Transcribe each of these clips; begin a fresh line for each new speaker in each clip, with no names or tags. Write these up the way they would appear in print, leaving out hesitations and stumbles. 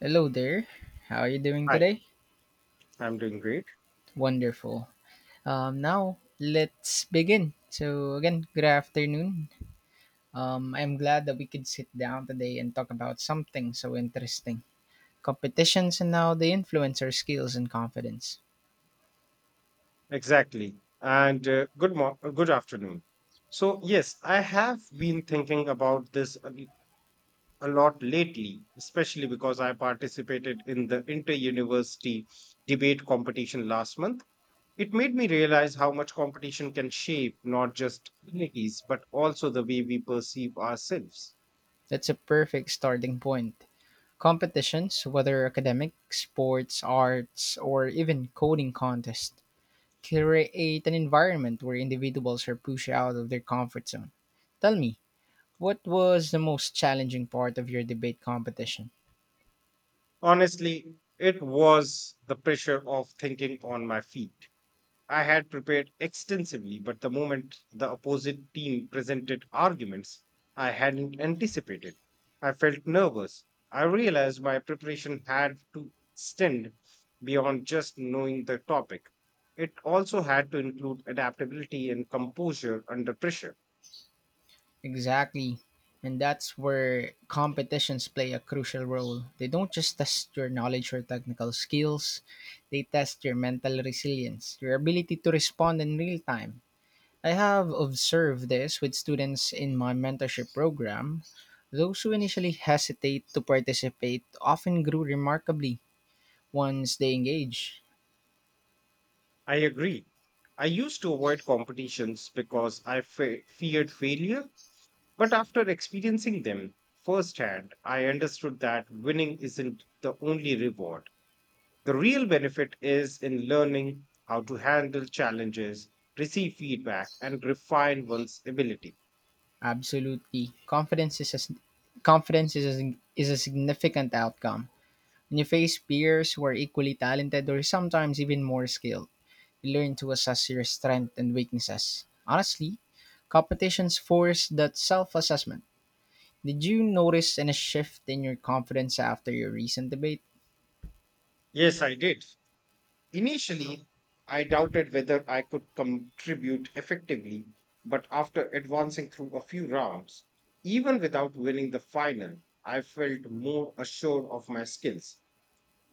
Hello there. How are you doing
Hi,
today?
I'm doing great.
Wonderful. Now let's begin. So again, good afternoon. I'm glad that we could sit down today and talk about something so interesting: competitions and how they influence our skills and confidence.
Exactly. And good afternoon. So, yes, I have been thinking about this a lot lately, especially because I participated in the inter-university debate competition last month. It made me realize how much competition can shape not just communities, but also the way we perceive ourselves.
That's a perfect starting point. Competitions, whether academic, sports, arts, or even coding contests, create an environment where individuals are pushed out of their comfort zone. Tell me, what was the most challenging part of your debate competition?
Honestly, it was the pressure of thinking on my feet. I had prepared extensively, but the moment the opposite team presented arguments I hadn't anticipated, I felt nervous. I realized my preparation had to extend beyond just knowing the topic. It also had to include adaptability and composure under pressure.
Exactly. And that's where competitions play a crucial role. They don't just test your knowledge or technical skills, they test your mental resilience, your ability to respond in real time. I have observed this with students in my mentorship program. Those who initially hesitate to participate often grew remarkably once they engage.
I agree. I used to avoid competitions because I feared failure. But after experiencing them firsthand, I understood that winning isn't the only reward. The real benefit is in learning how to handle challenges, receive feedback, and refine one's ability.
Absolutely. Confidence is a significant outcome. When you face peers who are equally talented or sometimes even more skilled, you learn to assess your strengths and weaknesses. Honestly, competitions force that self assessment. Did you notice any shift in your confidence after your recent debate?
Yes, I did. Initially, I doubted whether I could contribute effectively, but after advancing through a few rounds, even without winning the final, I felt more assured of my skills.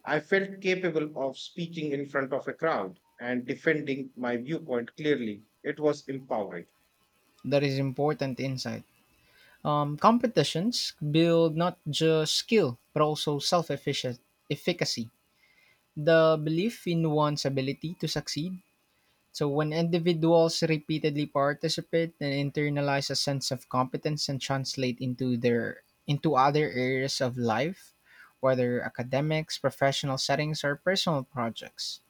I felt capable of speaking in front of a crowd and defending my viewpoint clearly. It was empowering.
That is important insight. Competitions build not just skill, but also self efficacy. The belief in one's ability to succeed. So, when individuals repeatedly participate, they internalize a sense of competence and translate into their into other areas of life, whether academics, professional settings, or personal projects.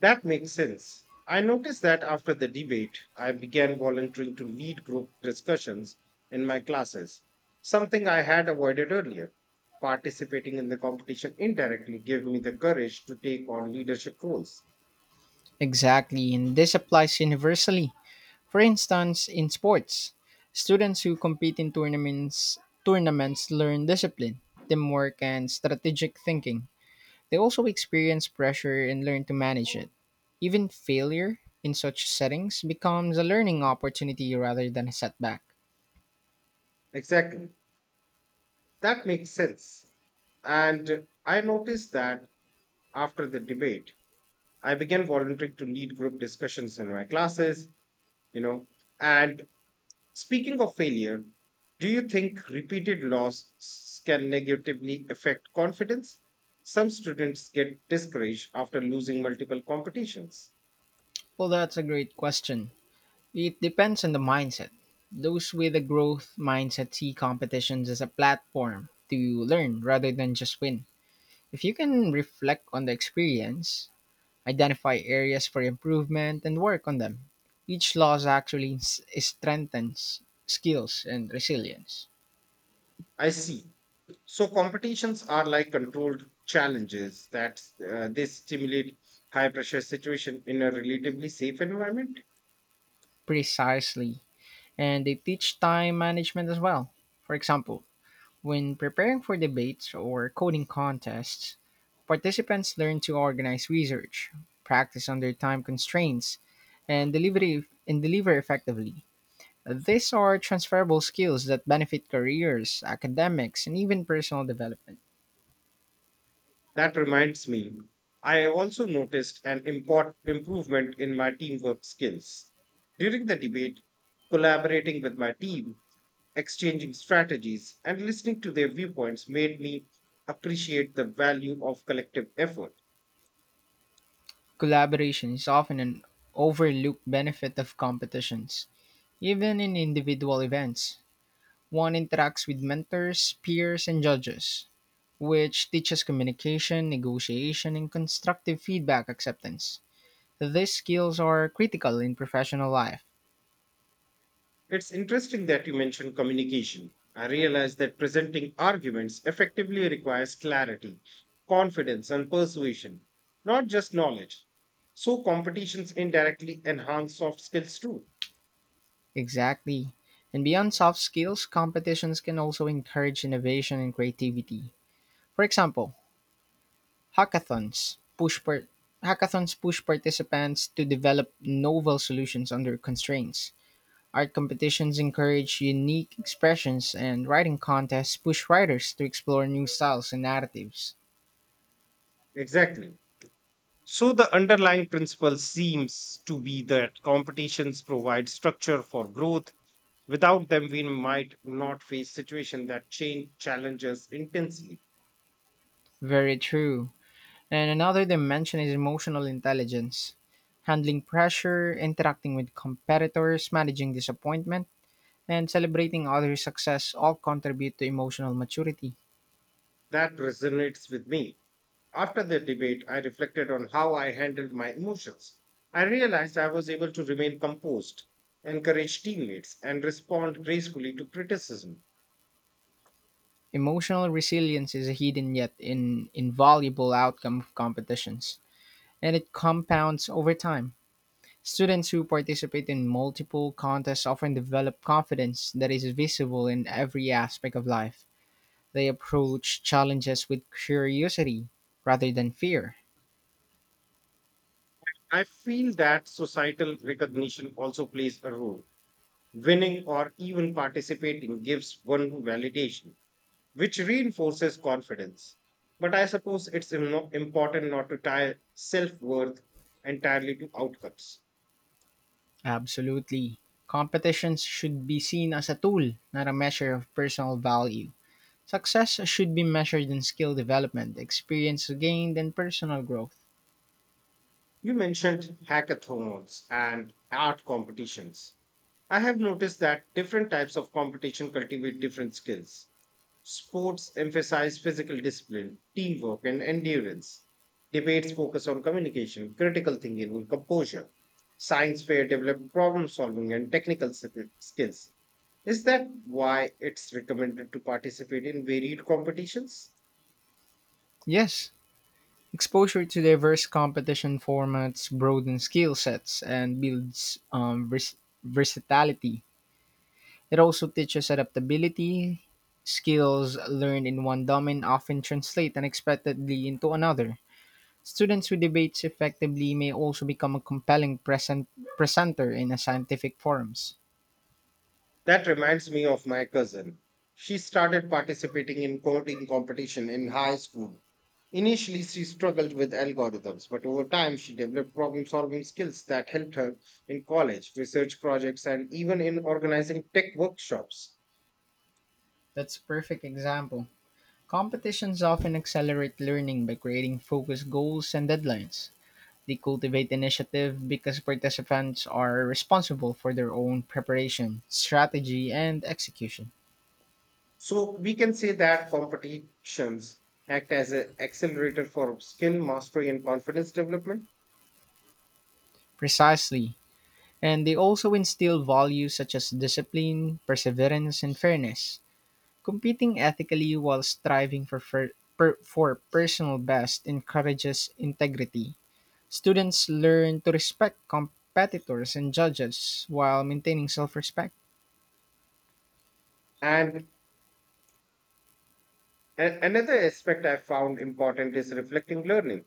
That makes sense. I noticed that after the debate, I began volunteering to lead group discussions in my classes, something I had avoided earlier. Participating in the competition indirectly gave me the courage to take on leadership roles.
Exactly, and this applies universally. For instance, in sports, students who compete in tournaments learn discipline, teamwork, and strategic thinking. They also experience pressure and learn to manage it. Even failure in such settings becomes a learning opportunity rather than a setback.
Exactly. That makes sense. And I noticed that after the debate, I began volunteering to lead group discussions in my classes, you know. And speaking of failure, do you think can negatively affect confidence? Some students get discouraged after losing multiple competitions.
Well, that's a great question. It depends on the mindset. Those with a growth mindset see competitions as a platform to learn rather than just win. If you can reflect on the experience, identify areas for improvement, and work on them, each loss actually strengthens skills and resilience.
I see. So competitions are like controlled challenges that they stimulate high pressure situation in a relatively safe environment.
Precisely, and they teach time management as well. For example, when preparing for debates or coding contests, participants learn to organize research, practice under time constraints, and deliver and deliver effectively. These are transferable skills that benefit careers, academics, and even personal development.
That reminds me, I also noticed an import improvement in my teamwork skills. During the debate, collaborating with my team, exchanging strategies, and listening to their viewpoints made me appreciate the value of collective effort.
Collaboration is often an overlooked benefit of competitions, even in individual events. One interacts with mentors, peers, and judges, which teaches communication, negotiation, and constructive feedback acceptance. These skills are critical in professional life.
It's interesting that you mentioned communication. I realize that presenting arguments effectively requires clarity, confidence, and persuasion, not just knowledge. So, competitions indirectly enhance soft skills too.
Exactly. And beyond soft skills, competitions can also encourage innovation and creativity. For example, hackathons push par- hackathons push participants to develop novel solutions under constraints. Art competitions encourage unique expressions, and writing contests push writers to explore new styles and narratives.
Exactly. So, the underlying principle seems to be that competitions provide structure for growth. Without them, we might not face situations that change challenges intensely.
Very true. And another dimension is emotional intelligence, handling pressure, interacting with competitors, managing disappointment, and celebrating others' success all contribute to emotional maturity.
That resonates with me. After the debate, I reflected on how I handled my emotions. I realized I was able to remain composed, encourage teammates, and respond gracefully to criticism.
Emotional resilience is a hidden yet invaluable outcome of competitions, and it compounds over time. Students who participate in multiple contests often develop confidence that is visible in every aspect of life. They approach challenges with curiosity rather than fear.
I feel that societal recognition also plays a role. Winning or even participating gives one validation, which reinforces confidence. But I suppose it's im- no- important not to tie self worth entirely to outcomes.
Absolutely. Competitions should be seen as a tool, not a measure of personal value. Success should be measured in skill development, experience gained, and personal growth.
You mentioned hackathons and art competitions. I have noticed that different types of competition cultivate different skills. Sports emphasize physical discipline, teamwork, and endurance. Debates focus on communication, critical thinking, and composure. Science fair develop problem solving and skills. Is that why it's recommended to participate in varied competitions?
Yes, exposure to diverse competition formats broadens skill sets and builds versatility. It also teaches adaptability. Skills learned in one domain often translate unexpectedly into another. Students who debate effectively may also become a compelling presenter in a scientific forums.
That reminds me of my cousin. She started participating in coding competition in high school. Initially, she struggled with algorithms, but over time, she developed problem solving skills that helped her in college, research projects, and even in organizing tech workshops.
That's a perfect example. Competitions often accelerate learning by creating focused goals and deadlines. They cultivate initiative because participants are responsible for their own preparation, strategy, and execution.
So, we can say that competitions act as an accelerator for skill mastery and confidence development.
Precisely. And they also instill values such as discipline, perseverance, and fairness. Competing ethically while striving for, fir- per- for personal best encourages integrity. Students learn to respect competitors and judges while maintaining self respect.
And another aspect I found important is reflecting learning.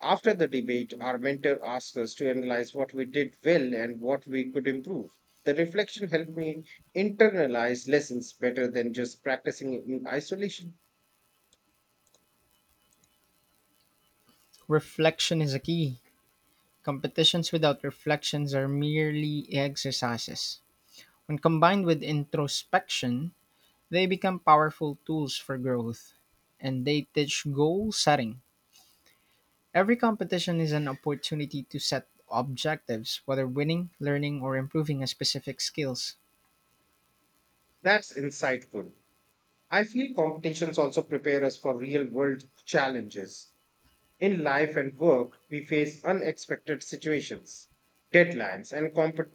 After the debate, our mentor asked us to analyze what we did well and what we could improve. The reflection helped me internalize lessons better than just practicing in isolation.
Reflection is a key. Competitions without reflections are merely exercises. When combined with introspection, they become powerful tools for growth, and they teach goal setting. Every competition is an opportunity to set objectives, whether winning, learning, or improving a specific skills.
That's insightful. I feel competitions also prepare us for real world challenges. In life and work, we face unexpected situations, deadlines, and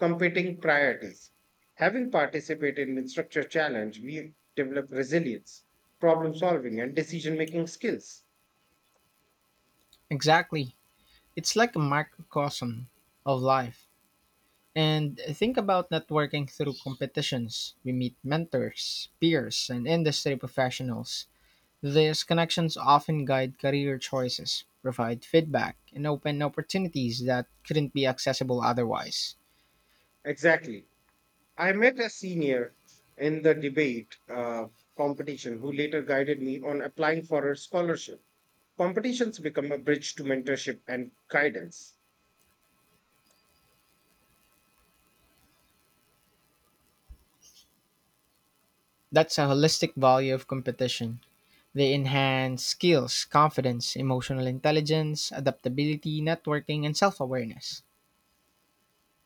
competing priorities. Having participated in structure challenge, we develop resilience, problem solving, and decision making skills.
Exactly. It's like a microcosm of life. And think about networking through competitions. We meet mentors, peers, and industry professionals. These connections often guide career choices, provide feedback, and open opportunities that couldn't be accessible otherwise.
Exactly. I met a senior in the debate competition who later guided me on applying for a scholarship. Competitions become a bridge to mentorship and guidance.
That's a holistic value of competition. They enhance skills, confidence, emotional intelligence, adaptability, networking, and self awareness.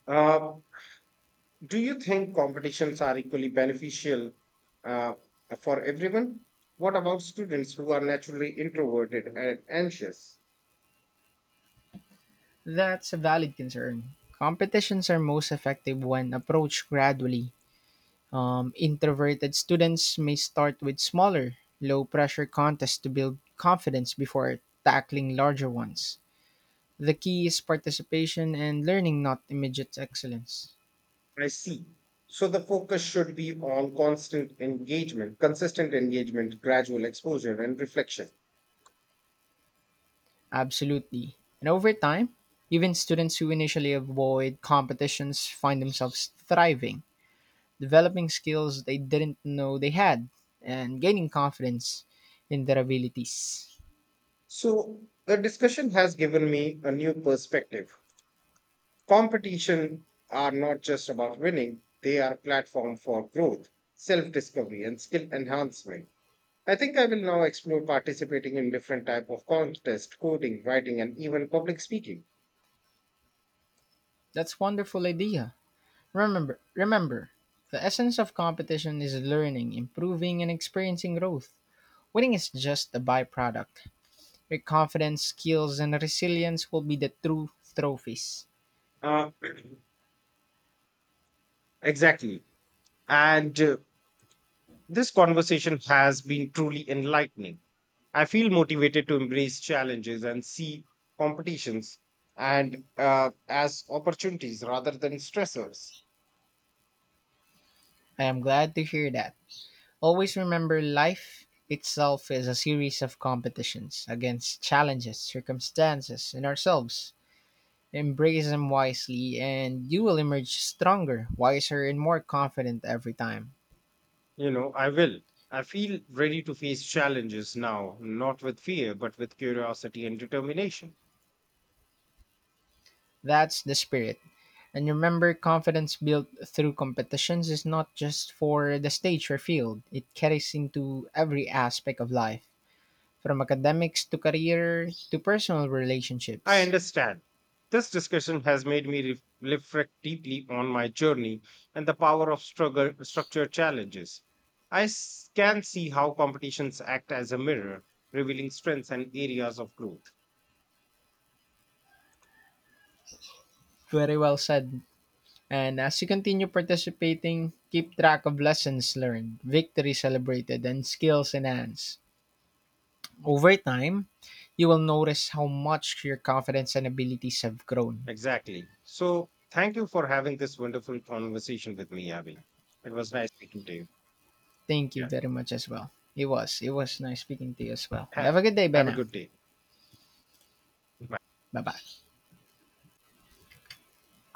Uh, Do you think competitions are equally beneficial uh, for everyone? What about students who are naturally introverted and anxious?
That's a valid concern. Competitions are most effective when approached gradually. Introverted students may start with smaller, low pressure contests to build confidence before tackling larger ones. The key is participation and learning, not immediate excellence.
I see. So the focus should be on consistent engagement, gradual exposure, and reflection.
Absolutely. And over time, even students who initially avoid competitions find themselves thriving, developing skills they didn't know they had, and gaining confidence in their abilities.
So the discussion has given me a new perspective. Competition are not just about winning, they are a platform for growth, self discovery, and skill enhancement. I think I will now explore participating in different type of contest, coding, writing, and even public speaking.
That's a wonderful idea. Remember, remember, the essence of competition is learning, improving, and experiencing growth. Winning is just a byproduct. Your confidence, skills, and resilience will be the true trophies.
Uh, exactly. And this conversation has been truly enlightening. I feel motivated to embrace challenges and see competitions and as opportunities rather than stressors.
I am glad to hear that. Always remember life itself is a series of competitions against challenges, circumstances, and ourselves. Embrace them wisely, and you will emerge stronger, wiser, and more confident every time.
You know, I will. I feel ready to face challenges now, not with fear, but with curiosity and determination.
That's the spirit. And remember, confidence built through competitions is not just for the stage or field, it carries into every aspect of life, from academics to career to personal
I
relationships.
understand. This discussion has made me reflect deeply on my journey and the power of structured challenges. Can see how competitions act as a mirror, revealing strengths and areas of growth.
Very well said. And as you continue participating, keep track of lessons learned, victories celebrated, and skills enhanced. Over time, you will notice how much your confidence and abilities have grown.
Exactly. So, thank you for having this wonderful conversation with me, Abby. It was nice speaking to you.
Thank you
Yeah.
very much as well. It was nice speaking to you as well.
Have
Have a good day,
a
Bena.
good day. Bye.
Bye bye.